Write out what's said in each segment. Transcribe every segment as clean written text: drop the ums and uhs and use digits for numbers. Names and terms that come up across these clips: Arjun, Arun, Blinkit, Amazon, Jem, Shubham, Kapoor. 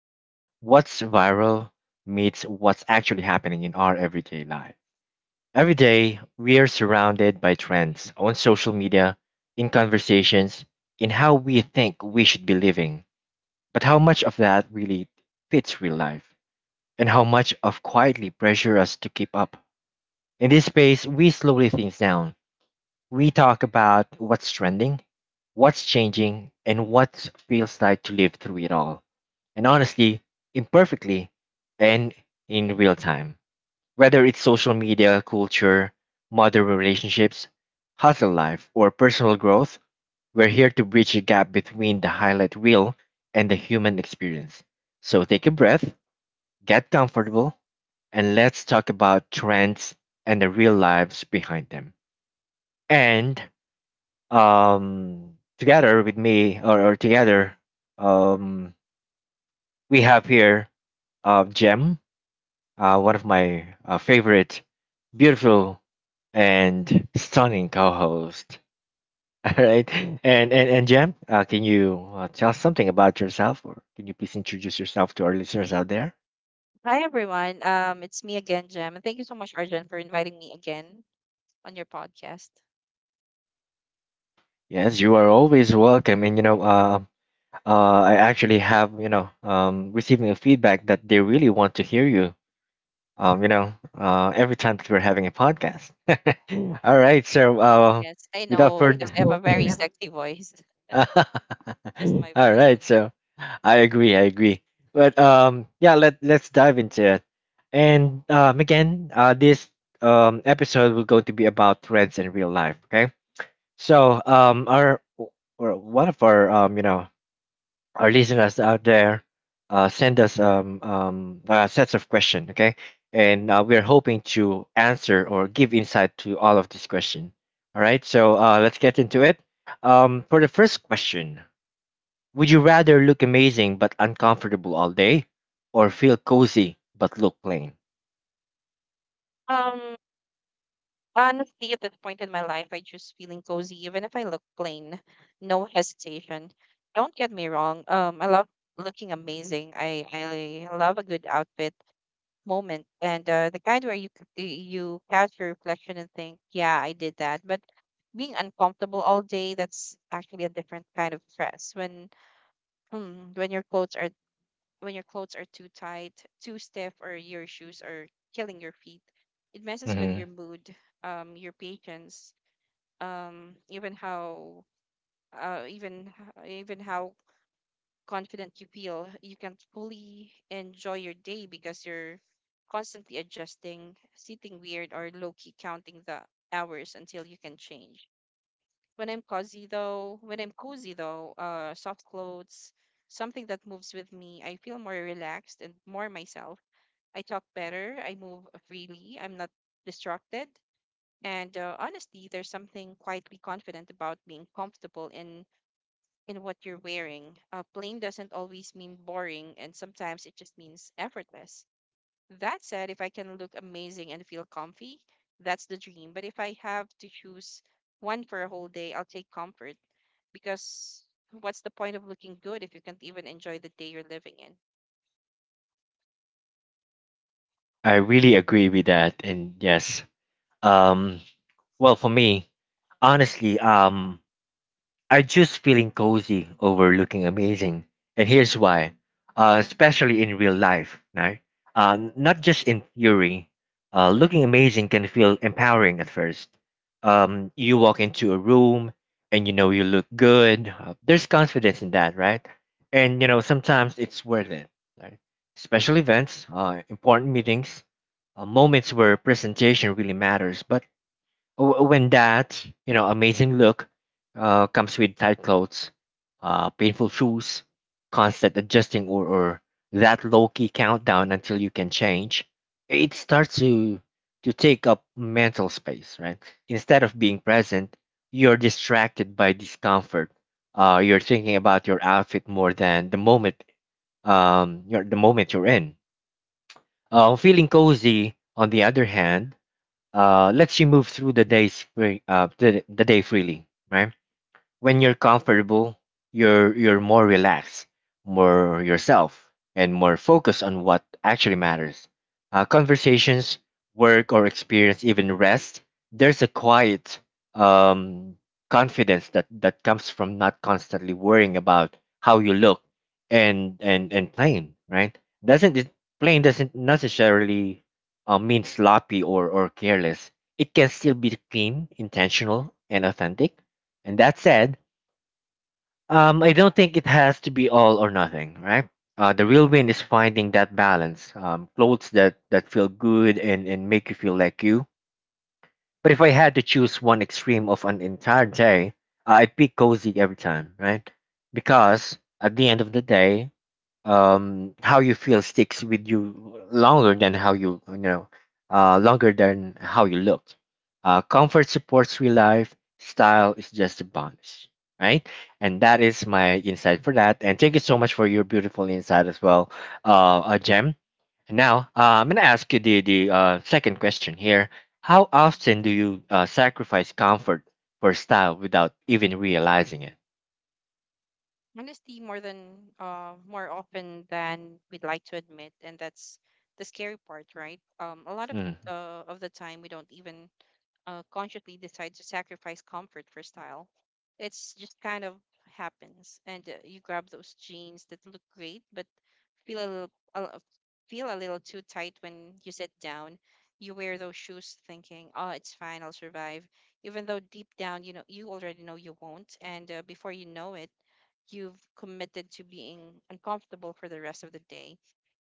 where what's viral meets what's actually happening in our everyday life. Every day, we are surrounded by trends on social media, in conversations, in how we think we should be living. But how much of that really fits real life? And how much of quietly pressure us to keep up? In this space, we slowly things down. We talk about what's trending, what's changing, and what feels like to live through it all. And honestly, imperfectly, and in real time. Whether it's social media, culture, modern relationships, hustle life, or personal growth, we're here to bridge the gap between the highlight reel and the human experience. So take a breath, get comfortable, and let's talk about trends and the real lives behind them and together with me or together um, we have here Jem, one of my favorite, beautiful and stunning co-host. All right, and Jem, can you tell us something about yourself, or can you please introduce yourself to our listeners out there? Hi everyone. It's me again, Jem, and thank you so much, Arjun, for inviting me again on your podcast. Yes, you are always welcome, and you know, I actually have you know receiving a feedback that they really want to hear you you know, every time that we're having a podcast. All right, so Yes, I without know further, because I have a very sexy voice, just my all voice. right, so I agree, I agree. But yeah, let's dive into it. And again, this episode will going to be about threads in real life. Okay, so our or one of our you know, our listeners out there send us sets of questions, okay? And we're hoping to answer or give insight to all of these questions. All right, so let's get into it. For the first question, would you rather look amazing but uncomfortable all day or feel cozy but look plain? Um, Honestly, at this point in my life, I choose feeling cozy, even if I look plain. No hesitation. Don't get me wrong. I love looking amazing. I love a good outfit, moment and the kind where you you catch your reflection and think, yeah, I did that. But being uncomfortable all day, that's actually a different kind of stress. When your clothes are too tight, too stiff, or your shoes are killing your feet, it messes with hmm your mood, your patience, um, even how uh, even even how confident you feel, you can fully enjoy your day because you're constantly adjusting, sitting weird, or low key counting the hours until you can change. When I'm cozy though, when I'm cozy though, soft clothes, something that moves with me, I feel more relaxed and more myself. I talk better, I move freely, I'm not distracted. And honestly, there's something quietly confident about being comfortable in what you're wearing. Plain doesn't always mean boring, and sometimes it just means effortless. That said, if I can look amazing and feel comfy, that's the dream. But if I have to choose one for a whole day, I'll take comfort because what's the point of looking good if you can't even enjoy the day you're living in? I really agree with that. And yes, um, well, for me, honestly, I just feeling cozy over looking amazing. And here's why, especially in real life, right? Not just in theory. Looking amazing can feel empowering at first. You walk into a room and you know you look good. There's confidence in that, right? And you know sometimes it's worth it, right? Special events, important meetings, moments where presentation really matters. But when that you know amazing look comes with tight clothes, painful shoes, constant adjusting, or that low key countdown until you can change, it starts to take up mental space, right? Instead of being present, you're distracted by discomfort. You're thinking about your outfit more than the moment the moment you're in. Feeling cozy, on the other hand, lets you move through the day spring, the day freely, right? When you're comfortable, you're more relaxed, more yourself, and more focused on what actually matters. Conversations, work, or experience, even rest. There's a quiet um, confidence that comes from not constantly worrying about how you look and plain, right? Doesn't it plain doesn't necessarily mean sloppy or careless. It can still be clean, intentional, and authentic. And that said, I don't think it has to be all or nothing, right? The real win is finding that balance. Clothes that feel good and make you feel like you. But if I had to choose one extreme of an entire day, I pick cozy every time, right? Because at the end of the day, how you feel sticks with you longer than how you you know longer than how you look. Comfort supports real life, style is just a bonus, right? And that is my insight for that, and thank you so much for your beautiful insight as well, gem and now I'm gonna ask you the second question here. How often do you sacrifice comfort for style without even realizing it? Honesty more than more often than we'd like to admit, and that's the scary part, right? A lot of mm, the time we don't even consciously decide to sacrifice comfort for style. It's just kind of happens, and you grab those jeans that look great but feel a little a, feel a little too tight when you sit down. You wear those shoes thinking, "Oh, it's fine, I'll survive," even though deep down you know you already know you won't, and before you know it, you've committed to being uncomfortable for the rest of the day.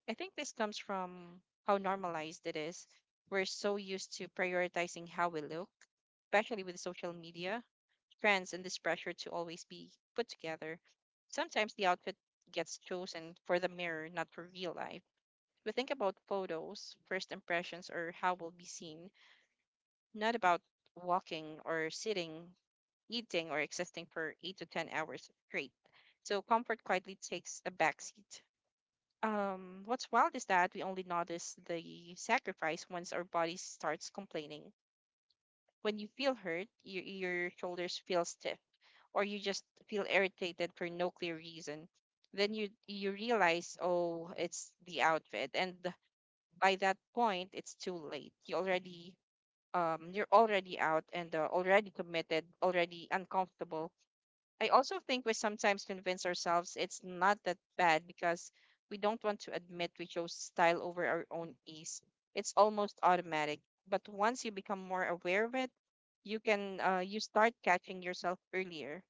I think this comes from how normalized it is. We're so used to prioritizing how we look, especially with social media, trends, and this pressure to always be put together. Sometimes the outfit gets chosen for the mirror, not for real life. We think about photos, first impressions, or how we'll be seen, not about walking or sitting eating or existing for eight to 10 hours straight. So comfort quietly takes a backseat. What's wild is that we only notice the sacrifice once our body starts complaining. When you feel hurt, your shoulders feel stiff, or you just feel irritated for no clear reason. Then you realize, oh, it's the outfit, and by that point, it's too late. You're already out and already committed, already uncomfortable. I also think we sometimes convince ourselves it's not that bad because we don't want to admit we chose style over our own ease. It's almost automatic. But once you become more aware of it, you start catching yourself earlier.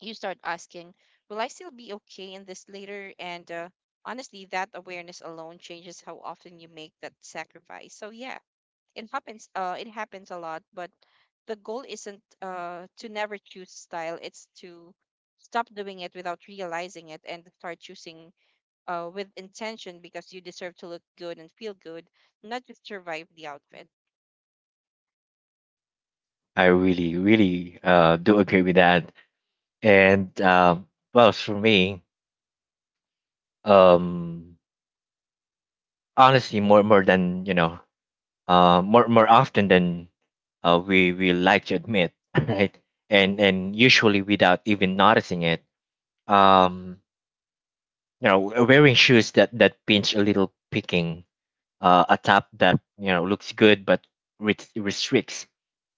You start asking, "Will I still be okay in this later?" And honestly, that awareness alone changes how often you make that sacrifice. So yeah, it happens a lot, but the goal isn't to never choose style. It's to stop doing it without realizing it and start choosing with intention, because you deserve to look good and feel good, not just survive the outfit. I really really do agree with that. And well, for me, um honestly, more than you know more often than we like to admit, right? And usually without even noticing it, um you know, wearing shoes that pinch a little, picking a top that you know looks good but restricts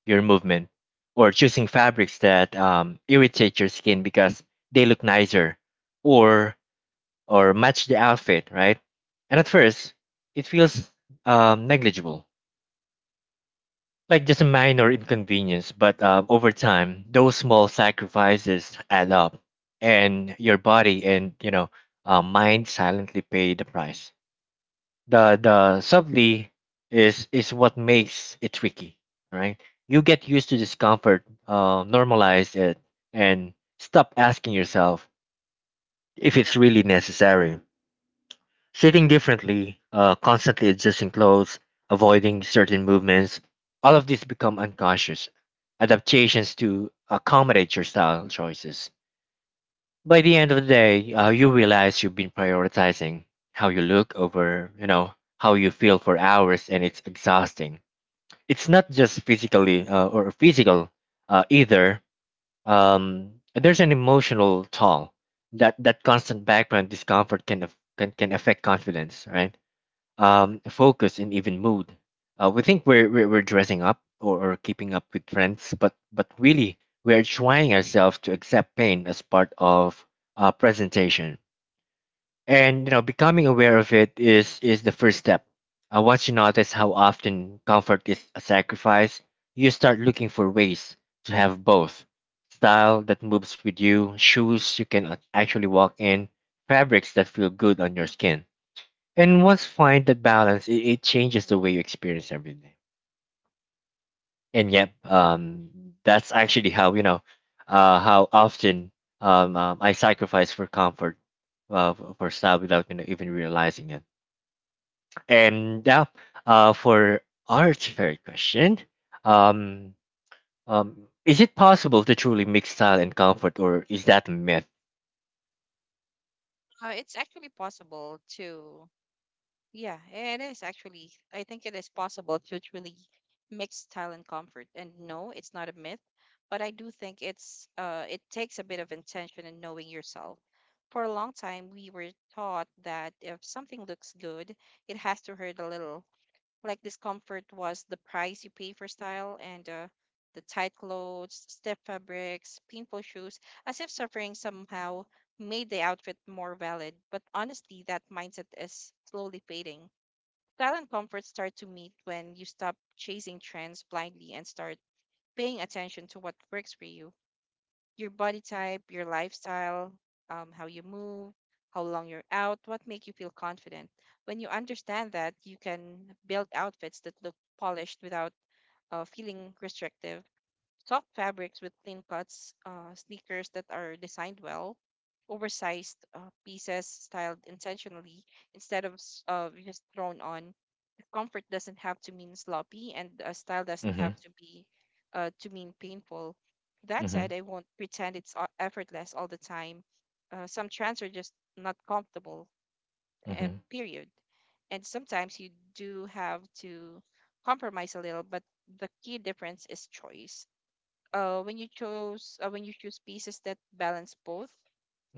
your movement, or choosing fabrics that irritate your skin because they look nicer or or match the outfit, right? And at first, it feels negligible, like just a minor inconvenience. But over time, those small sacrifices add up, and your body and mind silently pay the price. The subtly is what makes it tricky, right? You get used to discomfort, normalize it, and stop asking yourself if it's really necessary. Sitting differently, constantly adjusting clothes, avoiding certain movements, all of these become unconscious adaptations to accommodate your style choices. By the end of the day, you realize you've been prioritizing how you look over, you know, how you feel for hours, and it's exhausting. It's not just physically or physical either. There's an emotional toll that constant background discomfort can can affect confidence, right? Focus, and even mood. We think we're dressing up or keeping up with trends, but really, we are trying ourselves to accept pain as part of presentation. And you know, becoming aware of it is the first step. Once you notice how often comfort is a sacrifice, you start looking for ways to have both, style that moves with you, shoes you can actually walk in, fabrics that feel good on your skin. And once find that balance, it changes the way you experience everything. And yep, that's actually how you know, how often I sacrifice for comfort, for style without you know, even realizing it. And now, for our third question, um, um, is it possible to truly mix style and comfort, or is that a myth? It's actually possible to Yeah, it is actually. I think it is possible to truly mix style and comfort. And no, it's not a myth, but I do think it takes a bit of intention and knowing yourself. For a long time, we were taught that if something looks good, it has to hurt a little. Like discomfort was the price you pay for style and the tight clothes, stiff fabrics, painful shoes, as if suffering somehow made the outfit more valid. But honestly, that mindset is slowly fading. Style and comfort start to meet when you stop chasing trends blindly and start paying attention to what works for you. Your body type, your lifestyle, how you move, how long you're out, what make you feel confident. When you understand that, you can build outfits that look polished without feeling restrictive. Soft fabrics with clean cuts, sneakers that are designed well, oversized pieces styled intentionally instead of just thrown on. Comfort doesn't have to mean sloppy, and style doesn't have Mm-hmm. to be to mean painful. That Mm-hmm. said, I won't pretend it's effortless all the time. Some trends are just not comfortable, Mm-hmm. period. And sometimes you do have to compromise a little, but the key difference is choice. When you choose pieces that balance both,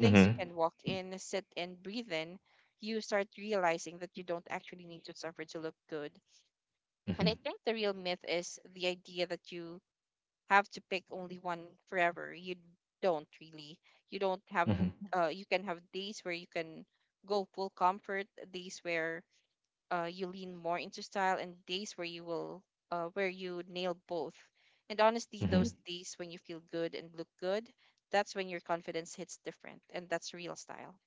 things you can walk in, sit and breathe in, you start realizing that you don't actually need to suffer to look good. And Mm-hmm. I think the real myth is the idea that you have to pick only one forever. You don't really you don't have Mm-hmm. You can have days where you can go full comfort, days where you lean more into style, and days where you will where you nail both. And honestly, Mm-hmm. those days when you feel good and look good, that's when your confidence hits different, and that's real style.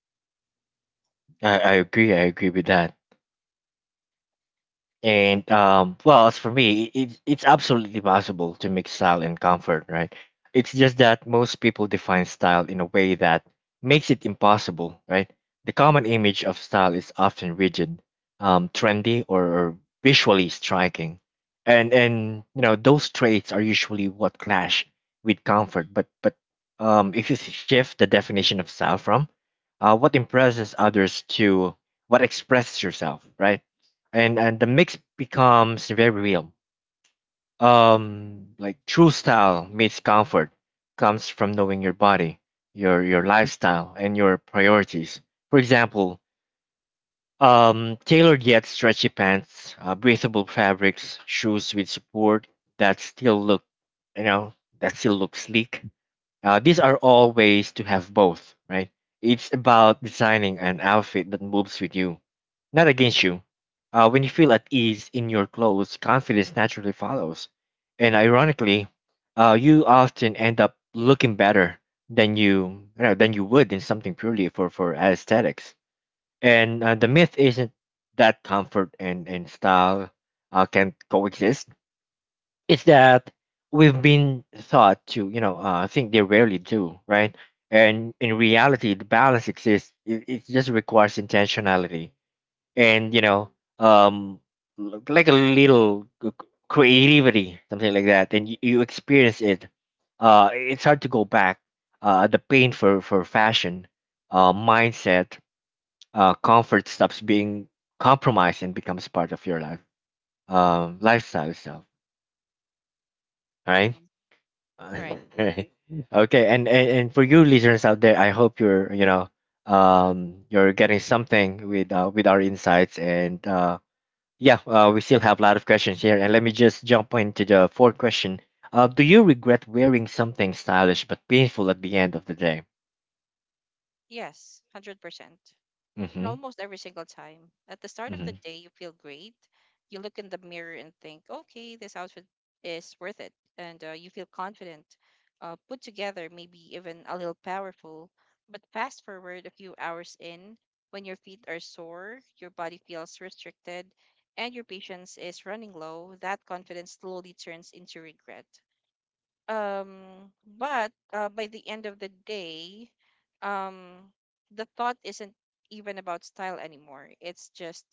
I agree. I agree with that. And well, as for me, it's absolutely possible to mix style and comfort, right? It's just that most people define style in a way that makes it impossible, right? The common image of style is often rigid, trendy, or visually striking, and you know those traits are usually what clash with comfort. But if you shift the definition of style from what impresses others to what expresses yourself, right? And the mix becomes very real. Like true style meets comfort comes from knowing your body, your lifestyle, and your priorities. For example, tailored yet stretchy pants, breathable fabrics, shoes with support that still look, you know, that still look sleek, these are all ways to have both, right? It's about designing an outfit that moves with you, not against you. When you feel at ease in your clothes, confidence naturally follows. And ironically, you often end up looking better than you would in something purely for aesthetics. And the myth isn't that comfort and style can coexist, it's that we've been taught to you know think they rarely do, right? And in reality the balance exists, it just requires intentionality and you know um like a little creativity something like that, and you experience it, it's hard to go back the pain for fashion mindset, comfort stops being compromised and becomes part of your life, lifestyle itself, right? Hmm right. Okay, okay, and for you listeners out there, I hope you're you know, you're getting something with our insights, and yeah, we still have a lot of questions here, and let me just jump into the fourth question. Do you regret wearing something stylish but painful at the end of the day? Yes, 100%. And Mm-hmm. almost every single time. At the start of the Mm-hmm. day, you feel great. You look in the mirror and think, okay, this outfit is worth it. And you feel confident, put together, maybe even a little powerful. But fast forward a few hours in, when your feet are sore, your body feels restricted, and your patience is running low, that confidence slowly turns into regret. Um but By the end of the day, um the thought isn't even about style anymore. It's just,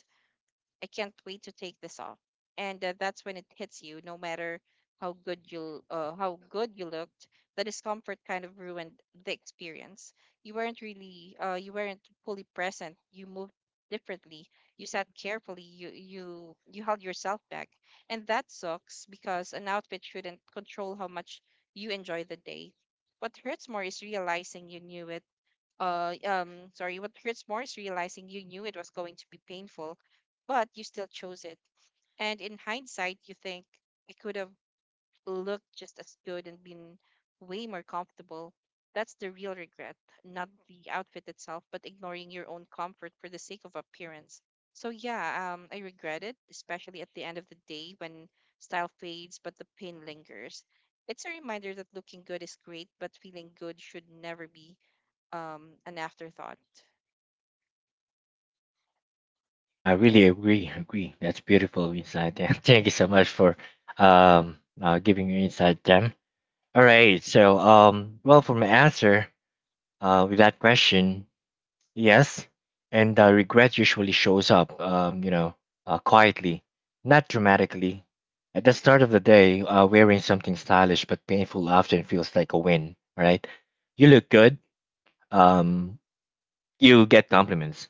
I can't wait to take this off. And that's when it hits you, no matter how good you looked, the discomfort kind of ruined the experience. You weren't fully present. You moved differently. You sat carefully. You held yourself back, and that sucks because an outfit shouldn't control how much you enjoy the day. What hurts more is realizing you knew it sorry What hurts more is realizing you knew it was going to be painful, but you still chose it. And in hindsight you think it could have looked just as good and been way more comfortable. That's the real regret, not the outfit itself, but ignoring your own comfort for the sake of appearance. So yeah, I regret it, especially at the end of the day when style fades but the pain lingers. It's a reminder that looking good is great, but feeling good should never be an afterthought. I Yep. really agree, agree, that's beautiful insight there. Thank you so much for giving your insight them. All right, so well, for my answer with that question. Yes, and regret usually shows up, you know, quietly, not dramatically. At the start of the day, wearing something stylish but painful often feels like a win, right? You look good, um, you get compliments,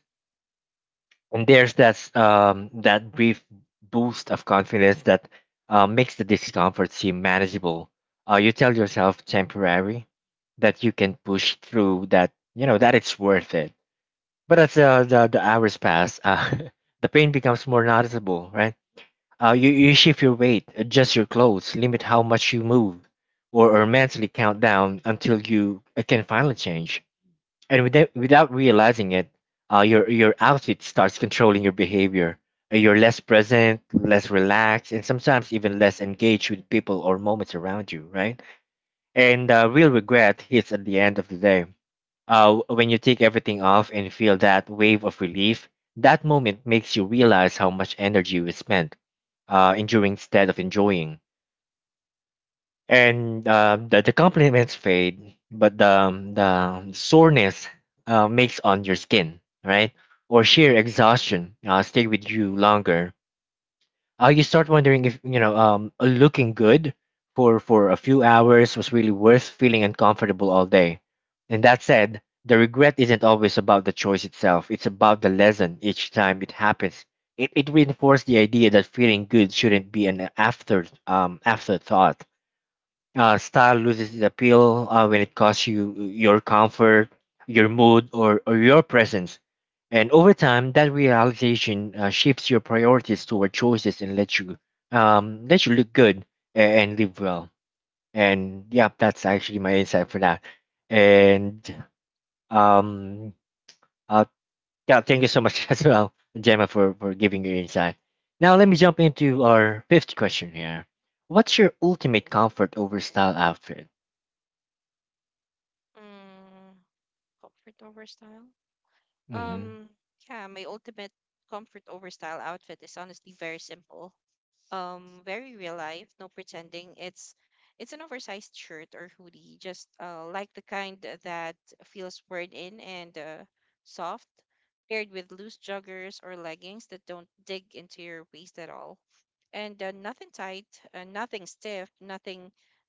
and there's that that brief boost of confidence that makes the discomfort seem manageable. You tell yourself temporary that you can push through that, that it's worth it, but as the hours pass, the pain becomes more noticeable, right? You shift your weight, adjust your clothes, limit how much you move, or mentally count down until you can finally change. And without realizing it, your outfit starts controlling your behavior. You're less present, less relaxed, and sometimes even less engaged with people or moments around you, right? And real regret hits at the end of the day when you take everything off and feel that wave of relief. That moment makes you realize how much energy you spent enduring instead of enjoying. And the compliments fade, but the soreness makes on your skin, right? Or sheer exhaustion stay with you longer. Uh, you start wondering if looking good for a few hours was really worth feeling uncomfortable all day. And that said, the regret isn't always about the choice itself, it's about the lesson. Each time it happens, it reinforced the idea that feeling good shouldn't be an afterthought. Uh, style loses its appeal when it costs you your comfort, your mood, or your presence. And over time, that realization shifts your priorities toward choices and lets you let you look good and live well. And yeah, that's actually my insight for that. And um, uh, yeah, thank you so much as well, Gemma, for giving your insight. Now let Yeah. me jump into our fifth question here. What's your ultimate comfort over style outfit? Mm, comfort over style. Mm-hmm. Um, yeah, my ultimate comfort over style outfit is honestly very simple. Very real life, no pretending. It's an oversized shirt or hoodie, just like the kind that feels worn in and soft, paired with loose joggers or leggings that don't dig into your waist at all. And nothing tight, nothing stiff, nothing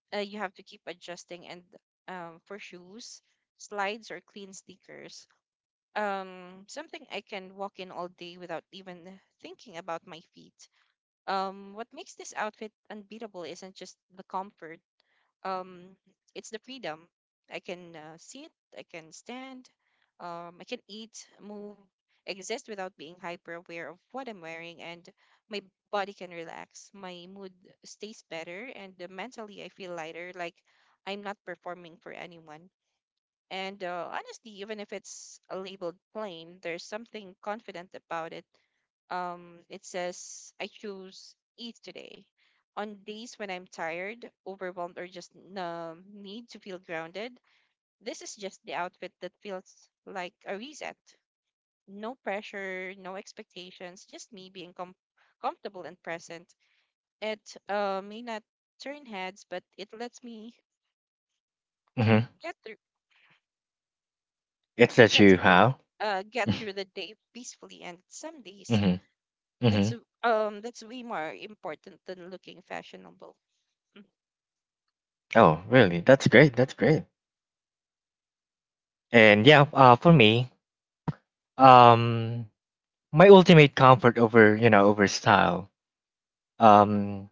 you have to keep adjusting. And for shoes, slides or clean sneakers, something I can walk in all day without even thinking about my feet. What makes this outfit unbeatable isn't just the comfort. Um it's the freedom. I can sit, I can stand, I can eat, move, exist without being hyper aware of what I'm wearing, and my body can relax. My mood stays better, and mentally I feel lighter, like I'm not performing for anyone. And honestly, even if it's a labeled plain, there's something confident about it. It says, I choose eat today. On days when I'm tired, overwhelmed, or just need to feel grounded, this is just the outfit that feels like a reset. No pressure, no expectations, just me being comfortable and present. It may not turn heads, but Hmm. get through It's it that lets you me have. Get through the day peacefully, and some days Hmm. Hmm. That's way more important than looking fashionable. Mm, Oh, really? That's great. That's great. And yeah, for me, um, my ultimate comfort over over style, um,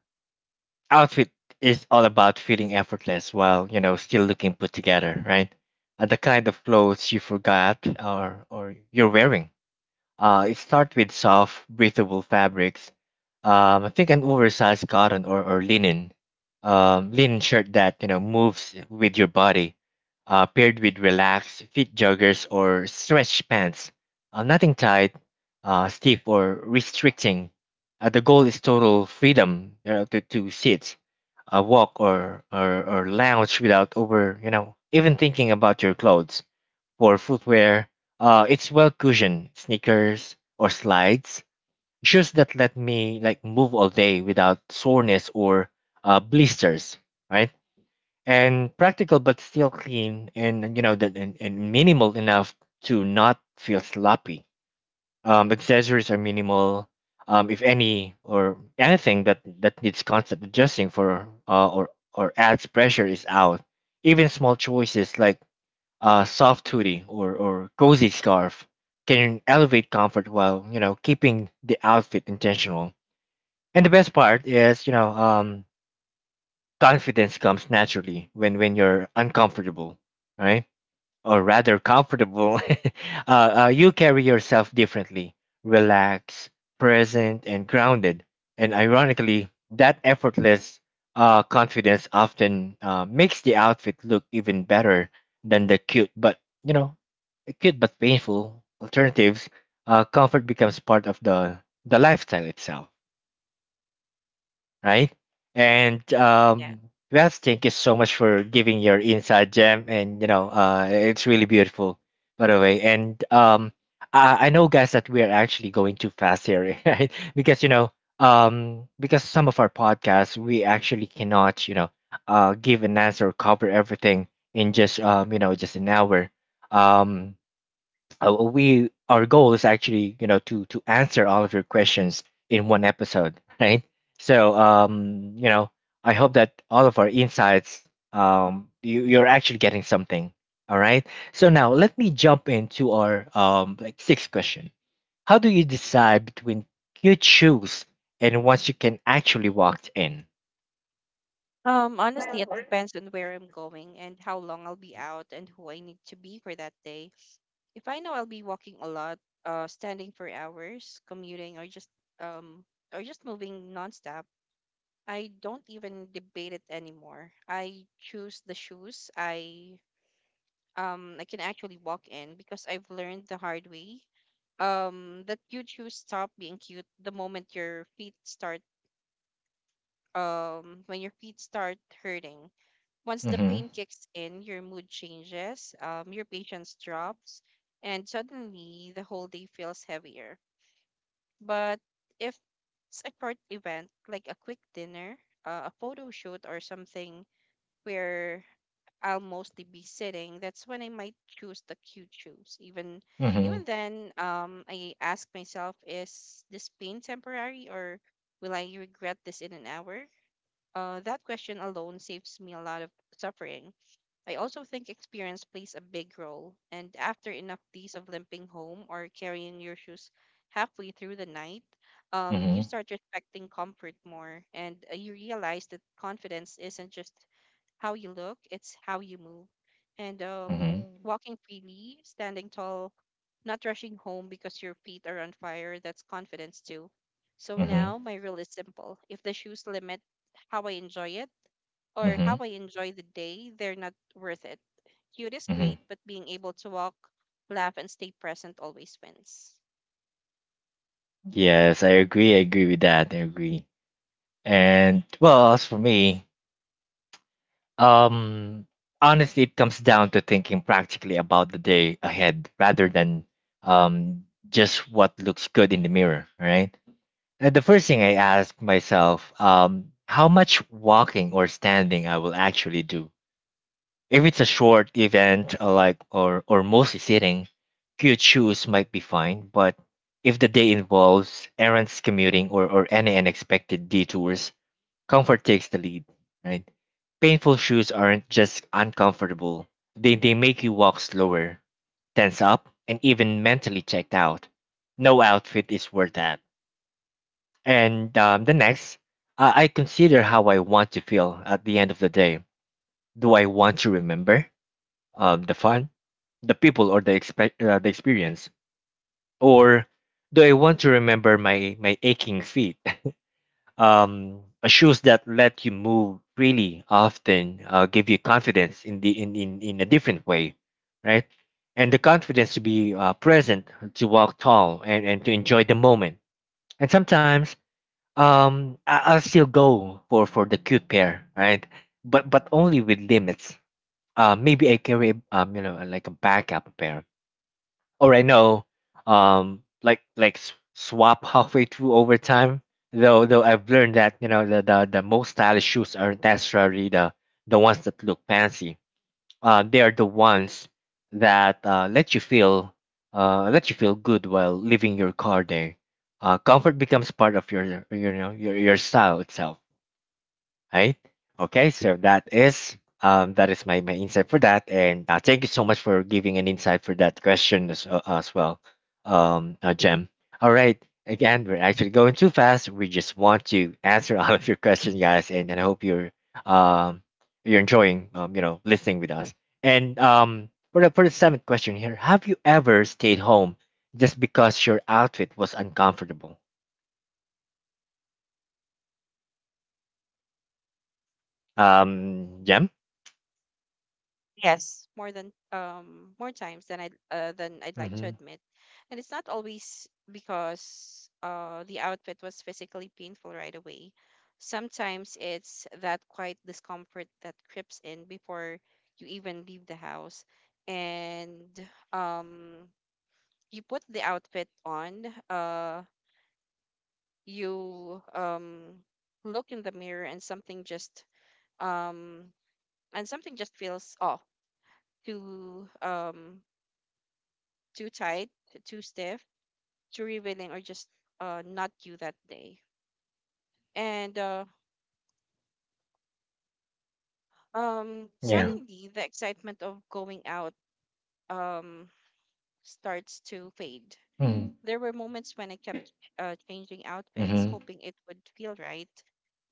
outfit is all about feeling effortless while still looking put together, right? The kind of clothes you forgot or you're wearing. It starts with soft, breathable fabrics. I think an oversized cotton or linen shirt that moves with your body, paired with relaxed fit joggers or stretch pants. Nothing tight, stiff or restricting. The goal is total freedom, to sit, walk or lounge without over you know even thinking about your clothes. For footwear, it's well cushioned sneakers or slides, shoes that let me like move all day without soreness or blisters, right? And practical but still clean and minimal enough to not feel sloppy. Accessories are minimal, if any, or anything that needs constant adjusting for or adds pressure is out. Even small choices like a soft hoodie or cozy scarf can elevate comfort while keeping the outfit intentional. And the best part is, confidence comes naturally when you're uncomfortable, right? Or rather comfortable. You carry yourself differently: relaxed, present, and grounded. And ironically, that effortless confidence often makes the outfit look even better than the cute but you know acute but painful alternatives. Uh, comfort becomes part of the lifestyle itself, right? And Yeah. Beth, thank you so much for giving your inside gem, and you know, it's really beautiful, by the way. And I know, guys, that we are actually going too fast here, right? Because you know, because some of our podcasts, we actually cannot, you know, give an answer, cover everything in just just an hour. Um, we our goal is actually, to answer all of your questions in one episode. Right? So I hope that all of our insights, you, you're actually getting something. All right, so now let me jump into our sixth question. How do you decide between cute shoes and ones you can actually walk in? Honestly, it depends on where I'm going and how long I'll be out and who I need to be for that day. If I know I'll be walking a lot, standing for hours, commuting, or um, just moving nonstop, I don't even debate it anymore. I choose the shoes I can actually walk in because I've learned the hard way that you choose stop being cute the moment your feet start hurting. Once the Mm-hmm. pain kicks in, your mood changes, your patience drops, and suddenly the whole day feels heavier. But if it's a short event like a quick dinner, a photo shoot or something where I'll mostly be sitting, that's when I might choose the cute shoes. Even Mm-hmm. even then, I ask myself, is this pain temporary or will I regret this in an hour? That question alone saves me a lot of suffering. I also think experience plays a big role, and after enough days of limping home or carrying your shoes halfway through the night, you Mm-hmm. start respecting comfort more, and you realize that confidence isn't just how you look, it's how you move. And Mm-hmm. walking freely, standing tall, not rushing home because your feet are on fire, that's confidence too. So Mm. now my rule is simple. If the shoes limit how I enjoy it, or how Mm-hmm. I enjoy the day, they're not worth it. Cute is Mm-hmm. great, but being able to walk, laugh, and stay present always wins. Yes, I agree. I agree with that. I agree. And well, as for me, um, honestly, it comes down to thinking practically about the day ahead rather than um, just what looks good in the mirror, right? And the first thing I ask myself, how much walking or standing I will actually do. If it's a short event, or mostly sitting, few shoes might be fine. But if the day involves errands, commuting, or any unexpected detours, comfort takes the lead, right? Painful shoes aren't just uncomfortable, they make you walk slower, tense up, and even mentally checked out. No outfit is worth that. And the next, I consider how I want to feel at the end of the day. Do I want to remember the fun, the people, or the experience? Or do I want to remember my aching feet? Uh, shoes that let you move freely often give you confidence in the in a different way, right? And the confidence to be present, to walk tall, and to enjoy the moment. And sometimes, I, I'll still go for the cute pair, right? But only with limits. Uh, maybe I carry, like, a backup pair, or I know, like swap halfway through overtime. Though I've learned that, the most stylish shoes aren't necessarily the ones that look fancy. They are the ones that let you feel good while leaving your car there. Comfort becomes part of your, your style itself. Right? Okay, so that is my, my insight for that, and thank you so much for giving an insight for that question as well, Jem. All right, again, we're actually going too fast. We just want to answer all of your questions, guys, and I hope um you're enjoying, listening with us. And for the seventh question here, have you ever stayed home just because your outfit was uncomfortable? Jem. Yes. More times than I'd like to Mm-hmm. admit, and it's not always because the outfit was physically painful right away. Sometimes it's that quiet discomfort that creeps in before you even leave the house, and um you put the outfit on. You look in the mirror and um something just feels off, too um too tight, too stiff, too revealing, or just not you that day. And Yeah. Suddenly the excitement of going out um starts to fade. Mm. There were moments when I kept changing outfits, Mm-hmm. hoping it would feel right,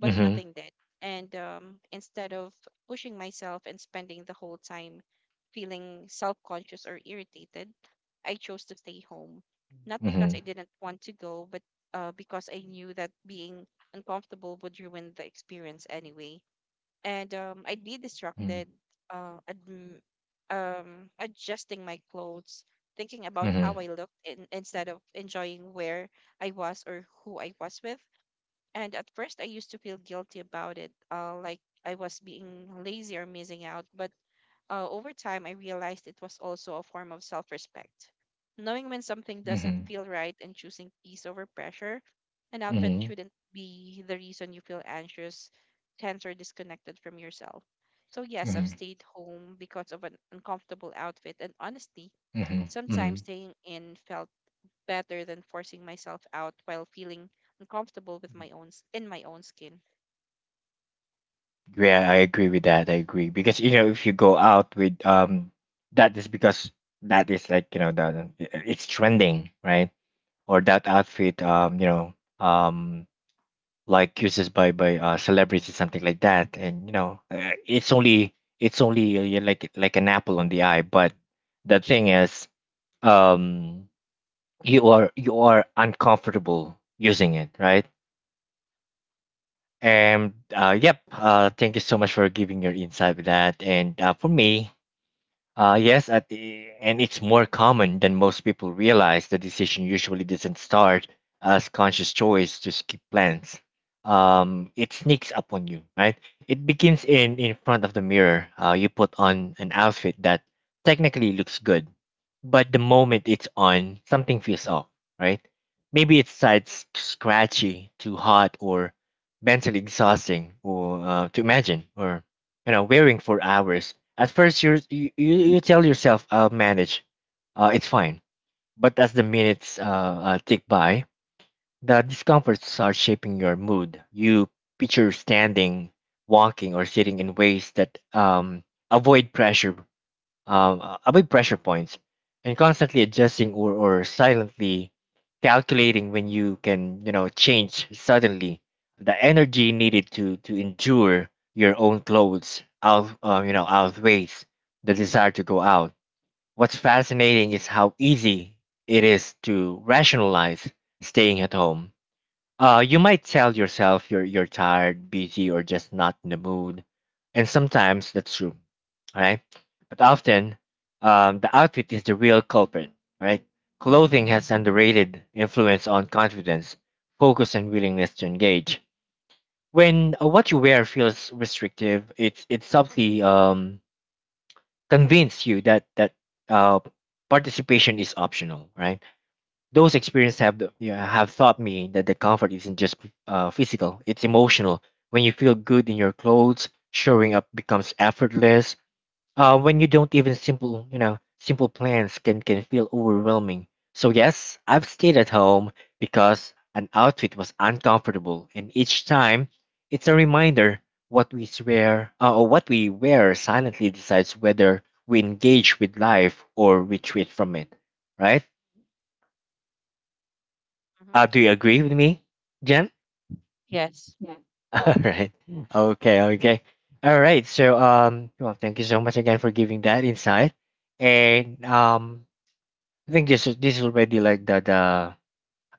but Mhm. nothing did. And instead of pushing myself and spending the whole time feeling self conscious or irritated, I chose to stay home. Not because I Mhm. didn't want to go, but because I knew that being uncomfortable would ruin the experience anyway, and I'd be Mhm. distracted, uh, adm- adjusting my clothes, thinking about how Mhm. I looked instead of enjoying where I was or who I was with. And at first, I used to feel guilty about it, like I was being lazy or missing out. But over time, I realized it was also a form of self respect. Knowing when something doesn't Mhm. feel right and choosing peace over pressure, an outfit Mhm. shouldn't be the reason you feel anxious, tense, or disconnected from yourself. So, yes, I've Mhm. stayed home because of an uncomfortable outfit, and honestly, Mhm. sometimes Mhm. staying in felt better than forcing myself out while feeling uncomfortable with my in my own skin. Yeah, I agree with that. I agree, because you know, if you go out with that is because that is, like, you know, it's trending, right? Or that outfit, um like, uses by celebrities, something like that, and you know, it's only yeah, like an apple on the eye. But the thing is, um you are, you are uncomfortable using it, right? And yep, thank you so much for giving your insight with that. And for me, yes, at the, and it's more common than most people realize. The decision usually doesn't start as conscious choice to skip plans. It sneaks up on you, right? It begins in front of the mirror. You put on an outfit that technically looks good, but the moment it's on, something feels off, right? Maybe it's side scratchy, too hot, or mentally exhausting, or to imagine, or you know, wearing for hours. At first, you tell yourself, "I'll manage, it's fine." But as the minutes tick by, the discomforts are shaping your mood. You picture standing, walking, or sitting in ways that avoid pressure, above pressure points, and constantly adjusting or silently calculating when you can, you know, change. Suddenly the energy needed to endure your own clothes out, you know, outweighs the desire to go out. What's fascinating is how easy it is to rationalize staying at home. Uh, you might tell yourself you're tired, busy, or just not in the mood, and sometimes that's true, all right? But often, the outfit is the real culprit, all right? Clothing has underrated influence on confidence, focus, and willingness to engage. When what you wear feels restrictive, it subtly convinces you that uh participation is optional, right? Those experiences have the- yeah, have taught me that the comfort isn't just physical; it's emotional. When you feel good in your clothes, showing up becomes effortless. When you don't, even simple, you know, simple plans can feel overwhelming. So yes, I've stayed at home because an outfit was uncomfortable, and each time, it's a reminder what we swear, or what we wear, silently decides whether we engage with life or retreat from it. Right? Hmm. Do you agree with me, Jen? Yes. All right. Mm. Okay. Okay. All right. So, well, thank you so much again for giving that insight. And I think this is already like the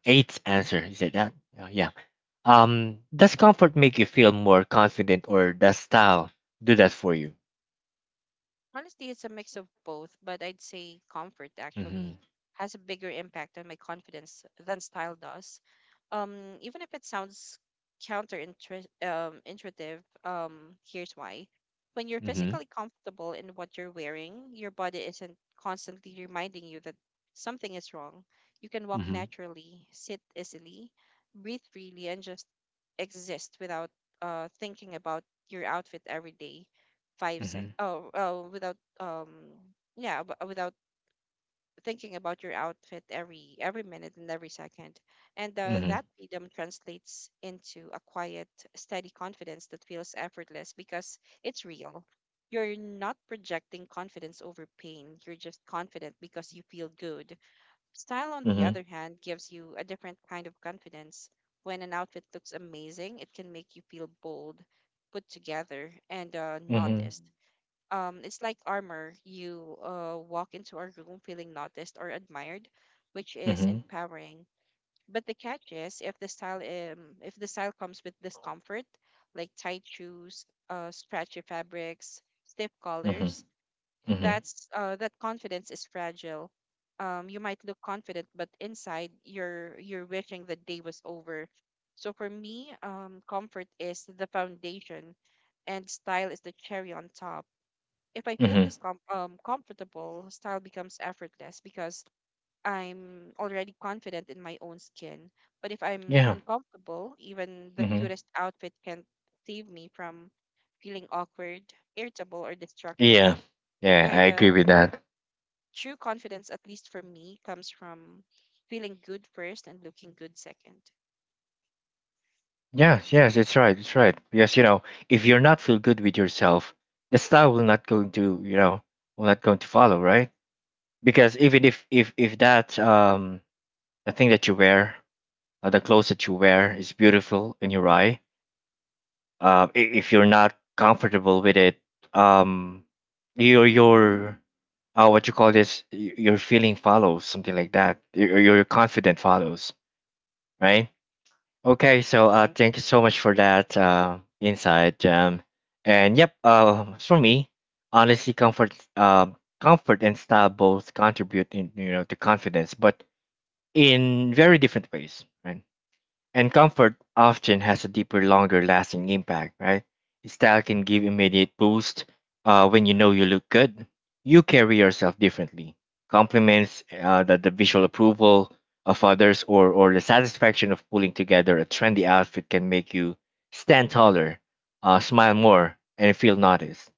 eighth answer. Is it that? Yeah. Does comfort make you feel more confident, or does style do that for you? Honestly, it's a mix of both, but I'd say comfort actually Mm-hmm. has a bigger impact on my confidence than style does. Um, even if it sounds intuitive, here's why. When you're Mm-hmm. physically comfortable in what you're wearing, your body isn't constantly reminding you that something is wrong. You can walk Mm-hmm. naturally, sit easily, breathe freely, and just exist without thinking about your outfit every day five sec Mm-hmm. oh oh without yeah ab- without thinking about your outfit every minute and every second, and Mm-hmm. that freedom translates into a quiet steady confidence that feels effortless because it's real. You're not projecting confidence over pain, you're just confident because you feel good. Style on the Mm-hmm. other hand gives you a different kind of confidence. When an outfit looks amazing, it can make you feel bold, put together, and Mm-hmm. noticed. It's like armor. You walk into a room feeling noticed or admired, which is Mm-hmm. empowering. But the catch is, if the style comes with discomfort, like tight shoes, scratchy fabrics, stiff Mm-hmm. collars, Mm-hmm. that's that confidence is fragile. You might look confident, but inside you're wishing the day was over. So for me, comfort is the foundation and style is the cherry on top. If I feel Mm-hmm. Comfortable, style becomes effortless because I'm already confident in my own skin. But if I'm Yeah. uncomfortable, even the Mm-hmm. cutest outfit can't save me from feeling awkward, irritable, or distracted. Yeah. Yeah, I And agree with that. true confidence, at least for me, comes from feeling good first and looking good second. Yeah, yes, it's right, it's right. Because if you're not feel good with yourself, the style will not going to follow, right? Because even if that the thing that you wear, the Mm-hmm. clothes that you wear is beautiful in your eye, if you're not comfortable with it, um, your what you call this, your feeling follows, something like that. Your confident follows, right? Okay, Right, so thank you so much for that insight. And yep, for me, honestly, comfort and style both contribute in to confidence, but in very different ways, right? And comfort often has a deeper, longer lasting impact, right? Style can give immediate boost when you know you look good. You carry yourself differently. Compliments, the visual approval of others, or the satisfaction of pulling together a trendy outfit can make you stand taller, smile more, and feel noticed.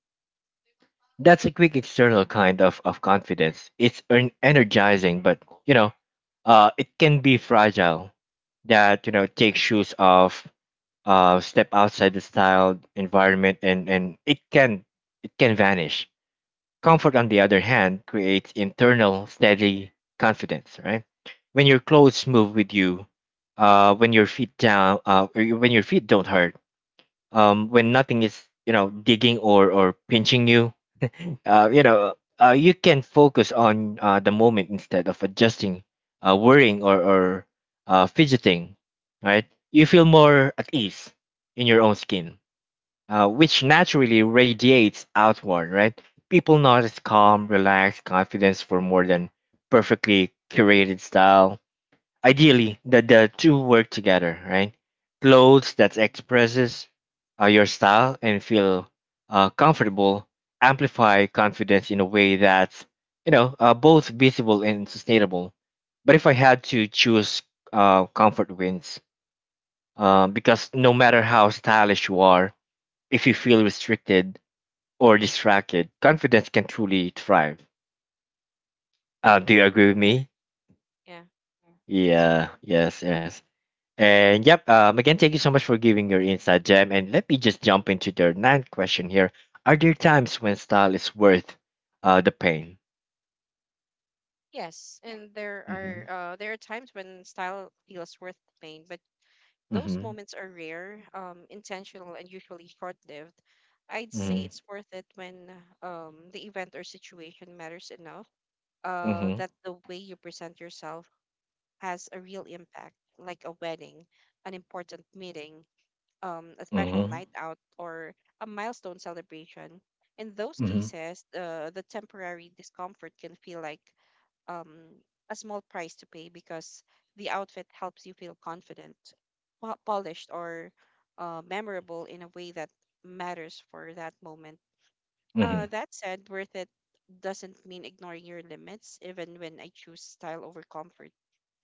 That's a quick external kind of confidence. It's energizing, but you know, it can be fragile. That, take shoes off, step outside the style environment, and it can vanish. Comfort, on the other hand, creates internal steady confidence. Right, when your clothes move with you, when your feet down, or when your feet don't hurt, when nothing is digging or pinching you. uh, you know you can focus on the moment instead of adjusting, worrying or fidgeting, right. You feel more at ease in your own skin, which naturally radiates outward, right. People notice calm, relaxed confidence for more than perfectly curated style. Ideally, that the two work together, right. Clothes that expresses your style and feel comfortable amplify confidence in a way that's both visible and sustainable. But if I had to choose, comfort wins, because no matter how stylish you are, if you feel restricted or distracted, confidence can truly thrive. Do you right. agree with me? Yeah. It's- Yeah, right. yes, yes. And yep, again, thank you so much for giving your insight, Jam. And let me just jump into the ninth question here. Are there times when style is worth the pain? Yes, and there Mm-hmm. are uh there are times when style feels worth the pain, but those Mm-hmm. moments are rare, intentional, and usually short-lived. I'd say Mm-hmm. it's worth it when the event or situation matters enough, Mm-hmm. that the way you present yourself has a real impact, like a wedding, an important meeting, a special Mm-hmm. night out, or a milestone celebration. In those Mm-hmm. cases, the temporary discomfort can feel like um, a small price to pay because the outfit helps you feel confident, polished, or memorable in a way that matters for that moment. Mm-hmm. That said, worth it doesn't mean ignoring your limits, even when I choose style over comfort.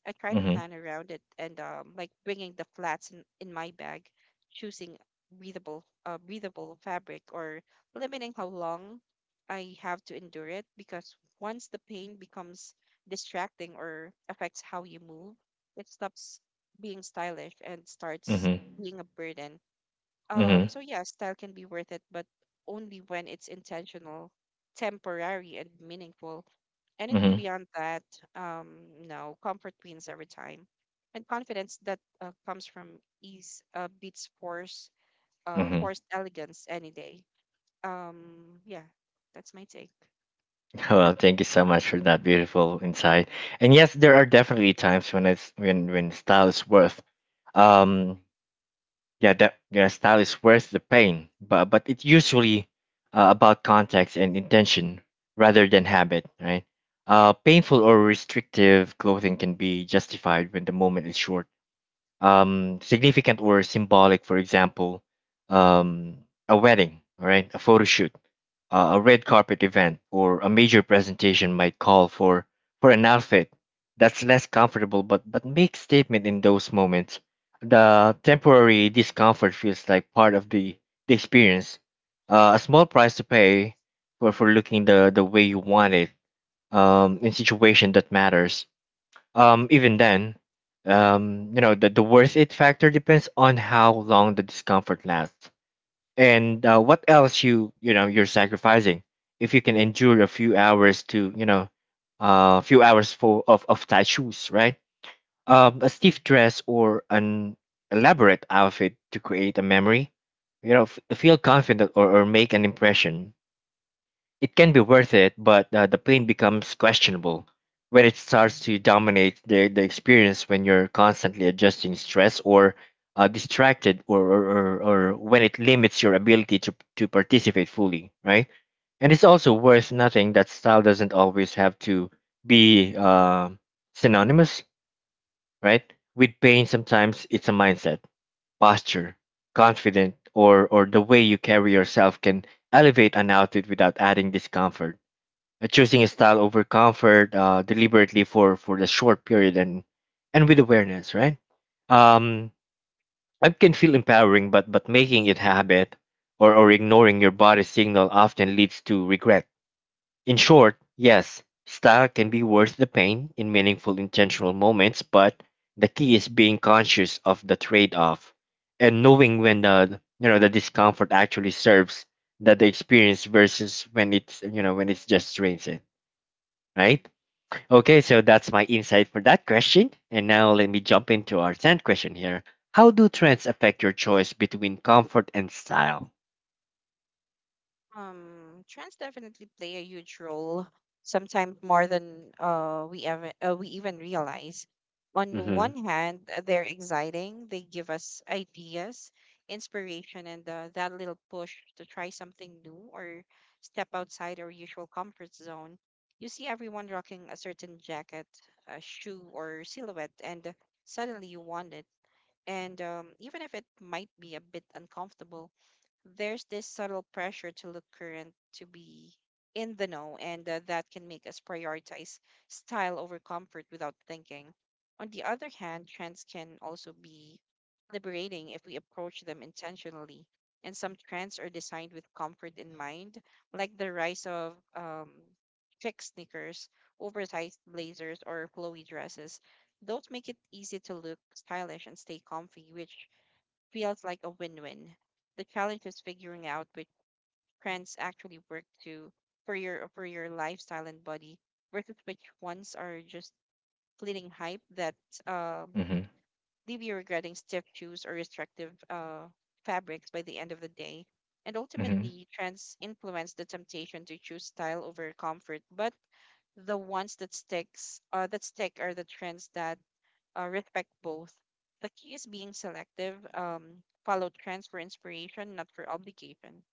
I try to Mm-hmm. plan around it, and like bringing the flats in my bag, choosing breathable fabric, or limiting how long I have to endure it, because once the pain becomes distracting or affects how you move, it stops being stylish and starts Mm-hmm. being a burden. Mm-hmm. So yeah, style can be worth it, but only when it's intentional, temporary, and meaningful. Anything beyond that, no, comfort wins every time. And confidence that comes from ease beats Mm-hmm. forced elegance any day. Yeah, that's my take. Well, thank you so much for that beautiful insight. And yes, there are definitely times when it's when style is worth, um the pain, but it's usually about context and intention rather than habit, right. Painful or restrictive clothing can be justified when the moment is short, significant or symbolic. For example, um, a wedding, all right, a photo shoot, a red carpet event, or a major presentation might call for an outfit that's less comfortable, but makes statement in those moments. The temporary discomfort feels like part of the experience, a small price to pay for looking the way you want it, in situation that matters. Even then, the worth it factor depends on how long the discomfort lasts, and what else you're sacrificing. If you can endure a few hours to, a few hours for of tight shoes, right? A stiff dress or an elaborate outfit to create a memory, feel confident, or make an impression, it can be worth it, but the pain becomes questionable when it starts to dominate the experience, when you're constantly adjusting stress or distracted, or when it limits your ability to participate fully, right? And it's also worth noting that style doesn't always have to be synonymous, right? With pain, sometimes it's a mindset, posture, confident, or the way you carry yourself can elevate an outfit without adding discomfort. Choosing a style over comfort, deliberately for the short period, and with awareness, right. um it can feel empowering, but making it habit, or ignoring your body signal often leads to regret. In short, yes, style can be worth the pain in meaningful, intentional moments, but the key is being conscious of the trade-off, and knowing when the you know the discomfort actually serves that the experience versus when it's just drains it, right. Okay, so Right. that's my insight for that question. And now let me jump into our 10th question here. How do trends affect your choice between comfort and style? Trends definitely play a huge role, sometimes more than we even realize. On Hmm. one hand, they're exciting. They give us ideas, inspiration, and that little push to try something new or step outside our usual comfort zone. You see everyone rocking a certain jacket, a shoe, or silhouette, and suddenly you want it. And even if it might be a bit uncomfortable, there's this subtle pressure to look current, to be in the know, and that can make us prioritize style over comfort without thinking. On the other hand, trends can also be liberating if we approach them intentionally. And some trends are designed with comfort in mind, like the rise of chic sneakers, oversized blazers, or flowy dresses. Those make it easy to look stylish and stay comfy, which feels like a win-win. The challenge is figuring out which trends actually work to for your lifestyle and body versus which ones are just fleeting hype that um, Mm-hmm. leave you regretting stiff shoes or restrictive fabrics by the end of the day. And Mm-hmm. ultimately, trends influence the temptation to choose style over comfort, but the ones that stick are the trends that respect both. The key is being selective. Follow trends for inspiration, not for obligation.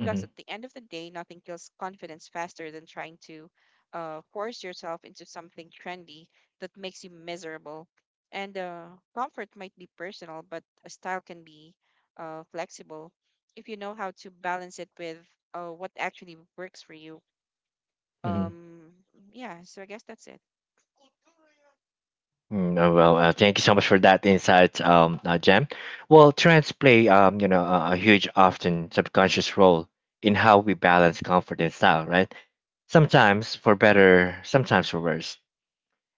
Mm-hmm. at the end of the day, nothing kills confidence faster than trying to force yourself into something trendy that makes you miserable. And comfort might be personal, but a style can be flexible if you know how to balance it with what actually works for you. Mm-hmm. Um, yeah, so I guess that's it. Well, thank you so much for that insight, Jem. Well, trends play, a huge, often subconscious role in how we balance comfort and style, right? Sometimes for better, sometimes for worse.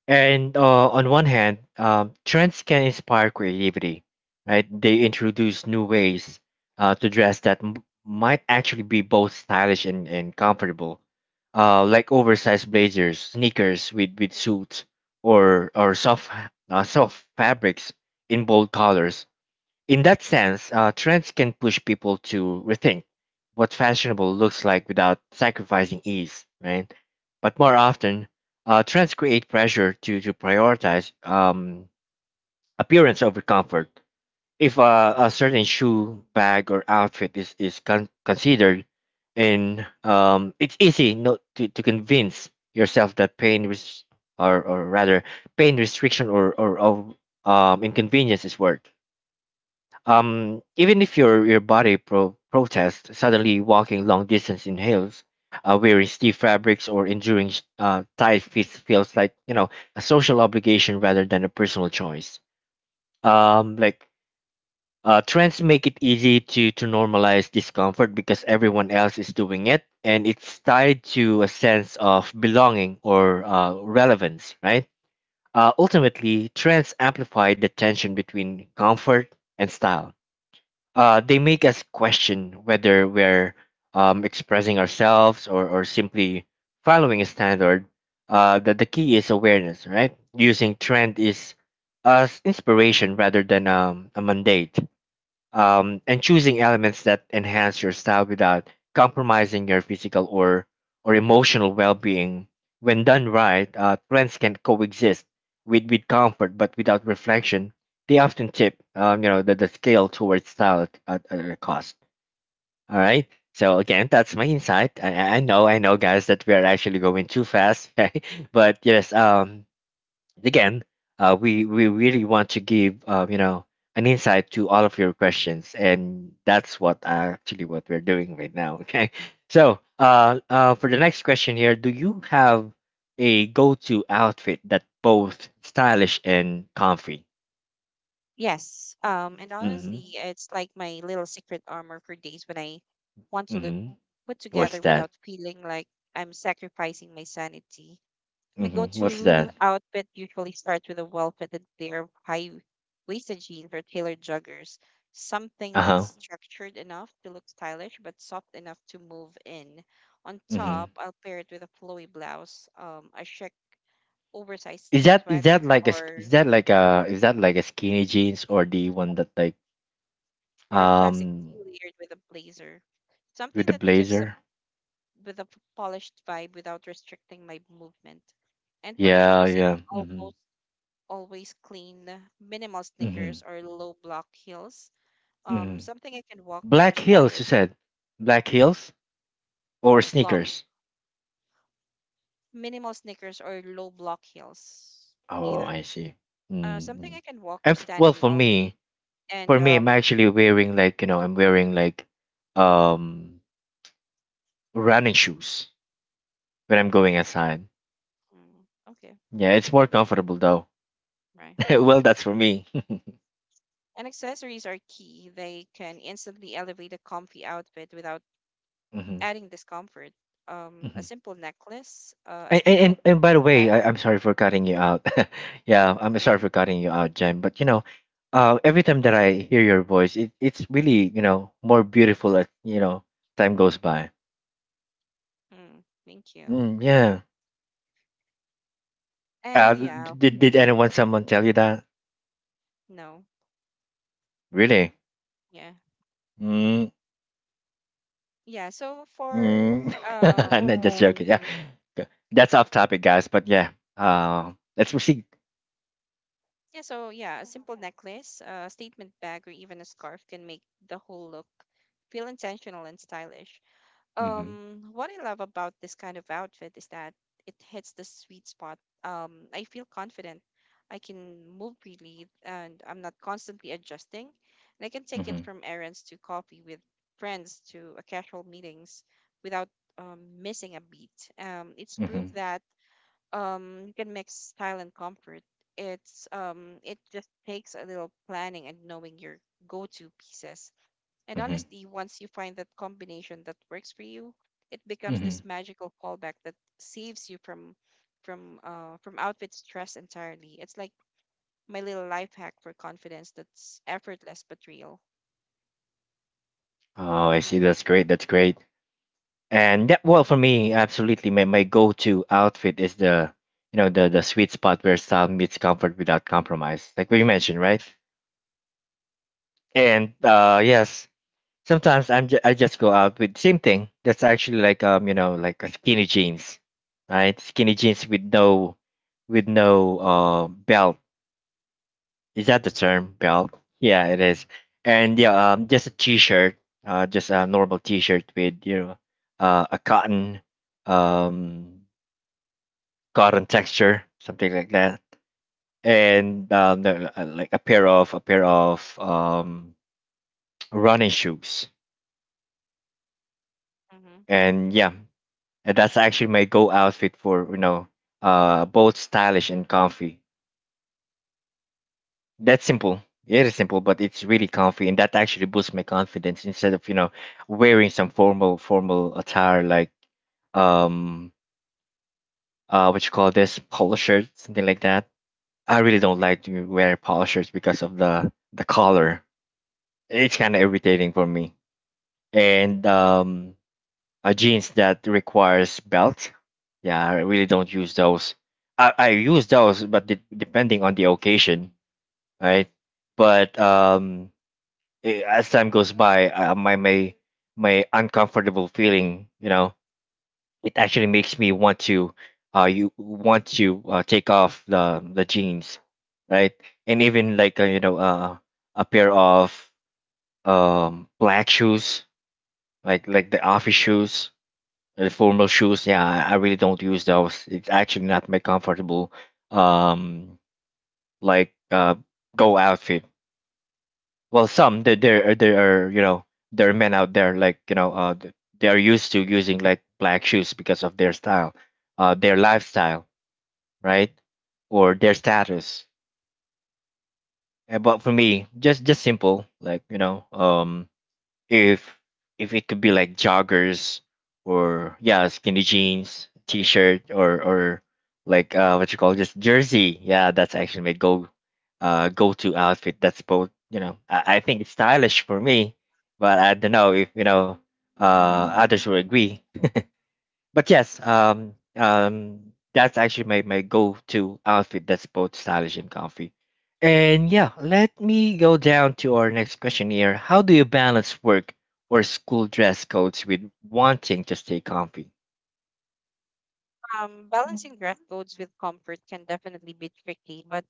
And on one hand, trends can inspire creativity, right? They introduce new ways to dress that might actually be both stylish and comfortable, like oversized blazers, sneakers with suits, or soft fabrics in bold colors. In that sense, trends can push people to rethink what fashionable looks like without sacrificing ease, right? But more often, trends create pressure to prioritize appearance over comfort. If a certain shoe, bag, or outfit is considered, and it's easy not to convince yourself that pain, or rather, pain restriction, or inconvenience is worth. Even if your body protests, suddenly walking long distance in hills, wearing stiff fabrics or enduring tight fits feels like a social obligation rather than a personal choice. Like, trends make it easy to normalize discomfort because everyone else is doing it, and it's tied to a sense of belonging or relevance, right? Ultimately, trends amplify the tension between comfort and style. They make us question whether we're expressing ourselves, or simply following a standard. That the key is awareness, right? Using trend is as inspiration rather than a mandate, and choosing elements that enhance your style without compromising your physical or emotional well-being. When done right, trends can coexist with comfort, but without reflection, they often tip, the scale towards style at a cost. All right. So again, that's my insight. I know, guys, that we are actually going too fast, but yes, again, we really want to give an insight to all of your questions, and that's what actually what we're doing right now. Okay, so for the next question here, do you have a go-to outfit that both stylish and comfy? Yes. And Mm-hmm. honestly, it's like my little secret armor for days when I want to look Mm-hmm. put What's together that? without feeling like I'm sacrificing my sanity. My Mm-hmm. What's that? go-to outfit usually starts with a well-fitted pair of high-waisted jeans or tailored joggers, something Uh that's huh. structured enough to look stylish but soft enough to move in. On Mm-hmm. top, I'll pair it with a flowy blouse, a chic oversized Is that is sweater, that like a sk- is or that like a is that like a skinny jeans or the one that like or a classic um tea layered with a blazer. with Something the that gives up blazer? with a polished vibe without restricting my movement. And for Yeah, shoes, it's yeah. Hmm. almost always clean, minimal Hmm. sneakers or low block heels. Hmm. Something I can walk or Black stand heels, in. you said. Black heels or Block. sneakers? Minimal sneakers or low block heels, Oh, either. I see. Something Mm-hmm. I can walk or And stand well, in for all day. me, for And me, I'm wearing like um running shoes when I'm going outside. Okay, Yeah, it's more comfortable though. right. Well, that's for me. And accessories are key. They can instantly elevate a comfy outfit without Hmm. adding discomfort. A Hmm. simple necklace, a And, and, and statement and by the way, bag. I'm sorry for cutting you out. Yeah, I'm sorry for cutting you out, Jen. But every time that I hear your voice, it's really more beautiful as time goes by. Hmm. Thank you. Mm, yeah. Uh, And yeah, did anyone someone tell you that? no, Really? yeah, Mm, yeah. So for mm. I'm um, not just joking. Yeah. Mm. That's off topic, guys. But yeah, let's proceed. yeah, so yeah, a simple necklace, a statement bag, or even a scarf can make the whole look feel intentional and stylish. Mm-hmm, What I love about this kind of outfit is that it hits the sweet spot. I feel confident. I can move freely and I'm not constantly adjusting. And I can take it mm-hmm, from errands to coffee with friends to a casual meetings without missing a beat. It's proof mm-hmm, that you can mix style and comfort. It's it just takes a little planning and knowing your go-to pieces. And mm-hmm, honestly, once you find that combination that works for you, it becomes mm-hmm. this magical fallback that saves you from outfit stress entirely. It's like my little life hack for confidence that's effortless but real. Oh, I Yeah, see. that's That's my great. take. That's great. And yeah, well, for me, absolutely, my go-to outfit is the you know the sweet spot where style meets comfort without compromise, like we mentioned, right? And Yeah. Yes, sometimes I just go out with same thing. That's actually like like a skinny jeans, right? Skinny jeans with no belt. Is that the term belt? Yeah, it is. And yeah, just a t-shirt, just a normal t-shirt with a um cotton texture, something like that, and like a pair of running shoes. Mm-hmm. And yeah, and that's actually my go outfit for both stylish and comfy. That's simple. It is simple, but it's really comfy, and that actually boosts my confidence instead of wearing some formal attire like um what you call this polo shirt, something like that. I really don't like to wear polo shirts because of the color. It's kind of irritating for me. And jeans that requires belt, yeah, I really don't use those. I use those, but depending on the occasion, right? But as time goes by, my uncomfortable feeling, it actually makes me want to, you want to take off the jeans, right? And even like a pair of black shoes, like the office shoes, the formal shoes. Yeah, I really don't use those. It's actually not my comfortable um like go outfit. Well, some there there are you know there are men out there like they are used to using like black shoes because of their style, their lifestyle, right, or their status. But for me, just simple like if it could be like joggers or yeah skinny jeans, t-shirt, or like what you call this, jersey. Yeah, that's actually my go go-to outfit that's both, I think it's stylish for me, but I don't know if uh others will agree. But yes, that's actually my go-to outfit that's both stylish and comfy. And yeah, let me go down to our next question here. How do you balance work or school dress codes with wanting to stay comfy? Balancing dress codes with comfort can definitely be tricky, but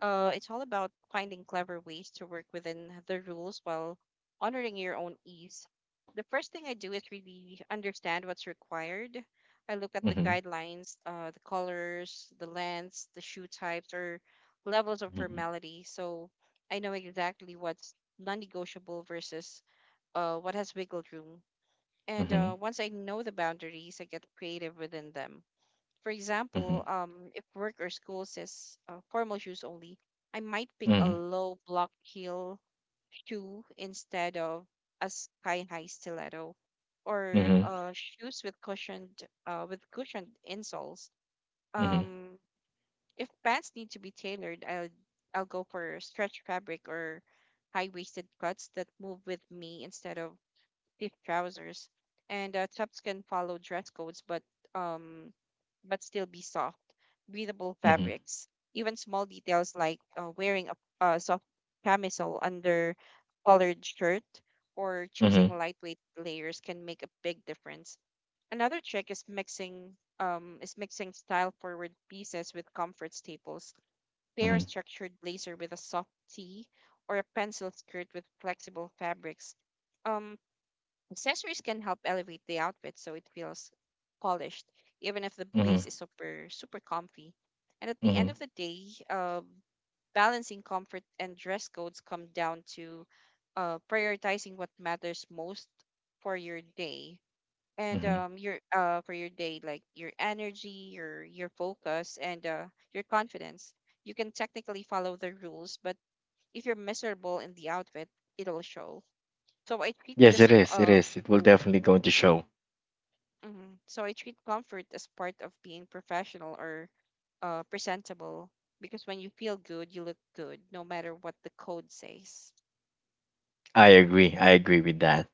it's all about finding clever ways to work within the rules while honoring your own ease. The first thing I do is really understand what's required. I look at the Mm-hmm. guidelines, the colors, the lengths, the shoe types, or levels of Mm-hmm. formality, so I know exactly what's non-negotiable versus what has wiggle room. And Mm-hmm. Once I know the boundaries, I get creative within them. For Mm-hmm. example, if work or school says formal shoes only, I might pick a Mm-hmm. low block heel shoe instead of a sky high stiletto, or Mm-hmm. Shoes with cushioned insoles. Um, if pants need to be tailored, I'll go for stretch fabric or high waisted cuts that move with me instead of stiff trousers, and tops can follow dress codes, um, but still be soft, breathable Mm-hmm. fabrics. Even small details like wearing a soft camisole under collared shirt, or Mm-hmm. choosing Mm-hmm. lightweight layers can make a big difference. Another trick is mixing style forward pieces with comfort staples. Pair a structured blazer with a soft tee or a pencil skirt with flexible fabrics. Um, Accessories can help elevate the outfit so it feels polished, even if the Mm-hmm. base is super, super comfy. And at the end Mm-hmm. of the day, balancing comfort and dress codes come down to prioritizing what matters most for your day Mm-hmm. For your day, like your energy, your focus, and your confidence. You can technically follow the rules, but if you're miserable in the outfit, it'll show. So I treat Yes, it is. It is. It will definitely going to show. Comfort as part of being professional or presentable, because when you feel good, you look good, no matter what the code says. I agree. I agree with that.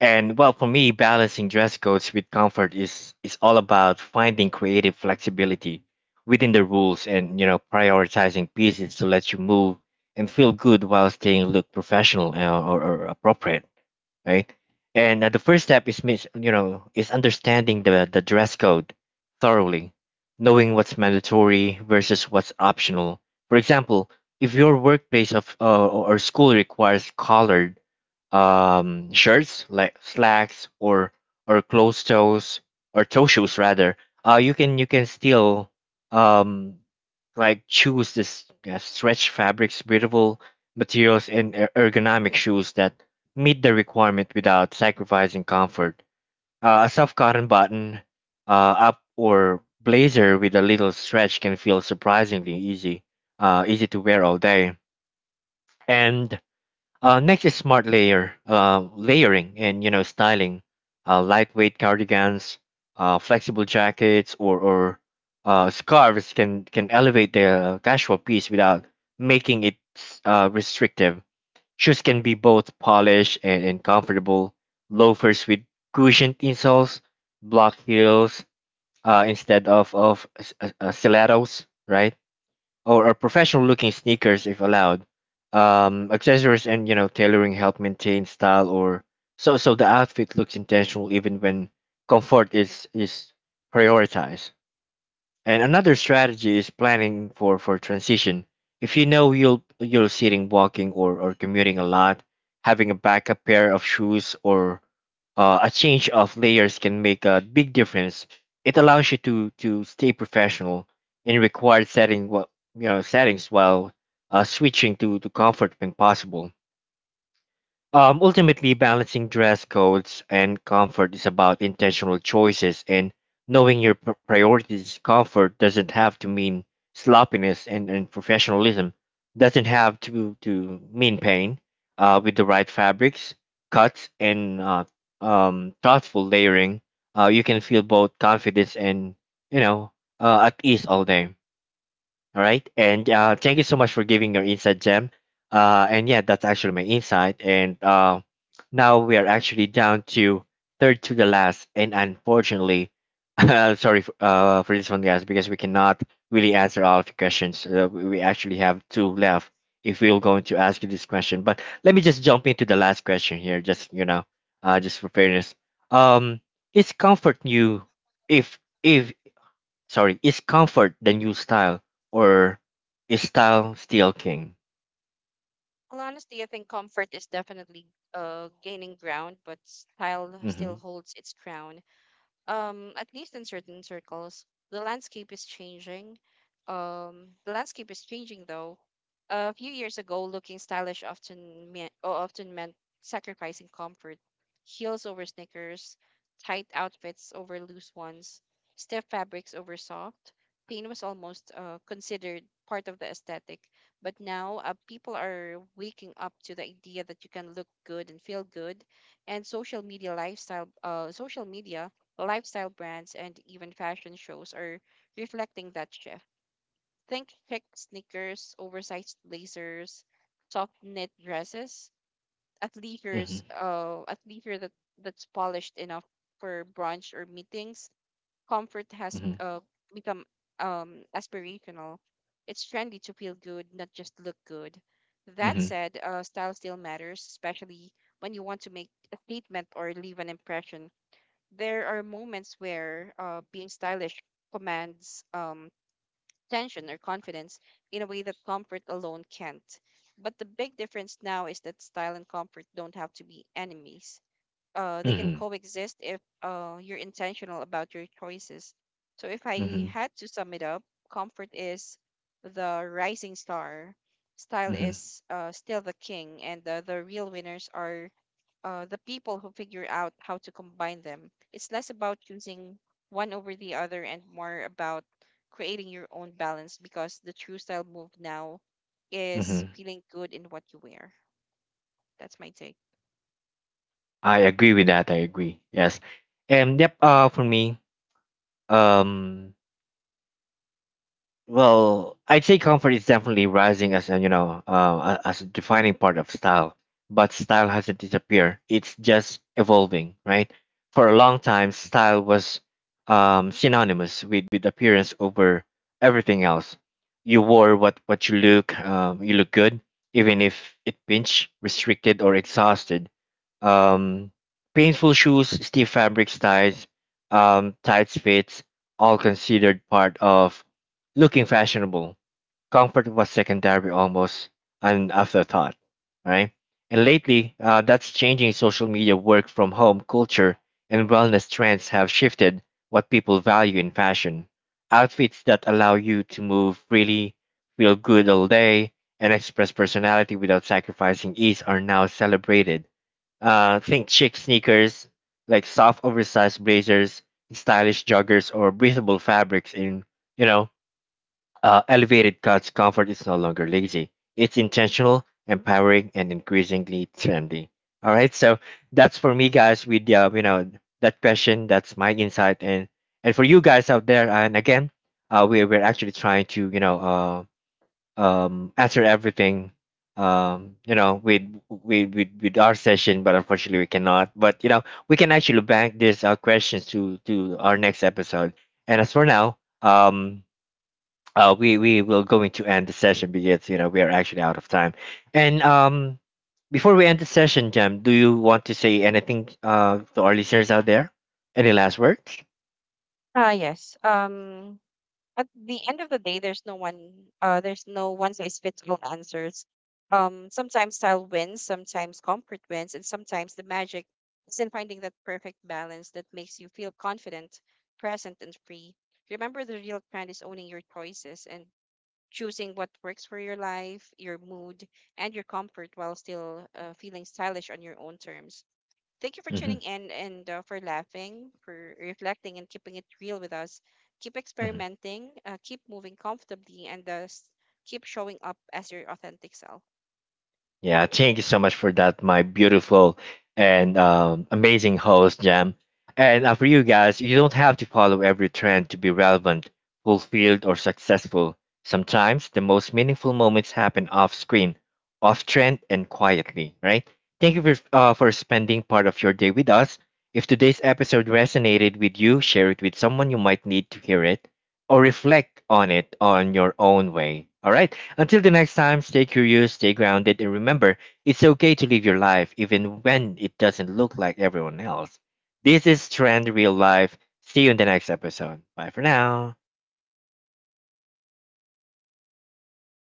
And well, for me, balancing dress codes with comfort is all about finding creative flexibility within the rules and prioritizing pieces to let you move and feel good while staying look professional, or appropriate, right? And the first step is mis- you know is understanding the dress code thoroughly, knowing what's mandatory versus what's optional. For example, if your workplace of or school requires collared shirts, like slacks, or closed toes, or toe shoes rather, you can still um, like choose this stretch fabrics, breathable materials, and ergonomic shoes that meet the requirement without sacrificing comfort. A soft cotton button up or blazer with a little stretch can feel surprisingly easy, easy to wear all day. And next is smart layering and styling, lightweight cardigans, flexible jackets, or scarves can elevate the casual piece without making it restrictive. Shoes can be both polished and, comfortable. Loafers with cushioned insoles, block heels, instead of stilettos, right? Or professional looking sneakers if allowed. Accessories and tailoring help maintain style, or so the outfit looks intentional even when comfort is prioritized. And another strategy is planning for transition. If you'll sitting, walking, or commuting a lot, having a backup pair of shoes or a change of layers can make a big difference. It allows you to stay professional in required setting what you know settings while switching to comfort when possible. Ultimately, balancing dress codes and comfort is about intentional choices and knowing your priorities. Comfort doesn't have to mean sloppiness, and, professionalism doesn't have to mean pain. With the right fabrics, cuts, and thoughtful layering, you can feel both confidence and you know at ease all day. All right. And thank you so much for giving your insight, Jem. And yeah, that's actually my insight. And now we are actually down to third to the last. And unfortunately, sorry for this one, guys, because we cannot really answer all of the questions. We actually have two left if we are going to ask you this question. But let me just jump into the last question here, just for fairness. Um, is comfort new if if sorry, is comfort the new style, or is style still king? Well, honestly, I think comfort is definitely gaining ground, but style Mm-hmm. still holds its crown. At least in certain circles, the landscape is changing the landscape is changing though. A few years ago, looking stylish often meant sacrificing comfort. Heels over sneakers, tight outfits over loose ones, stiff fabrics over soft. Pain was almost considered part of the aesthetic. But now people are waking up to the idea that you can look good and feel good. And social media, lifestyle brands, and even fashion shows are reflecting that shift. Think chic sneakers, oversized blazers, soft knit dresses, Mm-hmm. At leisure that that's polished enough for brunch or meetings. Comfort has Mm-hmm. Become aspirational. It's trendy to feel good, not just look good. That Mm-hmm. said, style still matters, especially when you want to make a statement or leave an impression. There are moments where being stylish commands tension or confidence in a way that comfort alone can't. But the big difference now is that style and comfort don't have to be enemies. They can Mm-hmm. coexist if you're intentional about your choices. So, if I Mm-hmm. had to sum it up, comfort is the rising star, style Mm-hmm. is still the king, and the real winners are the people who figure out how to combine them. It's less about choosing one over the other and more about creating your own balance, because the true style move now is Mm-hmm. feeling good in what you wear. That's my take. I agree with that. I agree. Yes. And yep, for me, um well, I'd say comfort is definitely rising as a you know a- as a defining part of style, but style hasn't disappeared. It's just evolving, right? For a long time, style was synonymous with appearance over everything else. You wore what you look good, even if it pinched, restricted, or exhausted. Um, Painful shoes, stiff fabrics, ties, tight fits, all considered part of looking fashionable. Comfort was secondary, almost an afterthought, right? And lately, that's changing. Social media, work from home culture, and wellness trends have shifted what people value in fashion. Outfits that allow you to move freely, feel good all day, and express personality without sacrificing ease are now celebrated. Think chic sneakers, like soft oversized blazers, stylish joggers, or breathable fabrics in you know elevated cuts. Comfort is no longer lazy. It's intentional, empowering, and increasingly trendy. All right, so that's for me, guys. With that question, that's my insight. And for you guys out there, and again, we're actually trying to answer everything with our session, but unfortunately we cannot. But we can actually bank these questions to our next episode. And as for now, we will going to end the session because we are actually out of time. And before we end the session, Jam, do you want to say anything to our listeners out there? Any last words? Ah, yes. At the end of the day, there's no one size fits all answers. Sometimes style wins, sometimes comfort wins, and sometimes the magic is in finding that perfect balance that makes you feel confident, present and free. Remember, the real trend is owning your choices and choosing what works for your life, your mood, and your comfort while still feeling stylish on your own terms. Thank you for Mm-hmm. tuning in and for laughing, for reflecting, and keeping it real with us. Keep experimenting, keep moving comfortably, and keep showing up as your authentic self. Yeah, thank you so much for that, my beautiful and amazing host, Jam. And for you guys, you don't have to follow every trend to be relevant, fulfilled, or successful. Sometimes the most meaningful moments happen off screen, off trend, and quietly, right? Thank you for spending part of your day with us. If today's episode resonated with you, share it with someone you might need to hear it or reflect on it on your own way. All right. Until the next time, stay curious, stay grounded, and remember, it's okay to live your life even when it doesn't look like everyone else. This is Trend Real Life. See you in the next episode. Bye for now.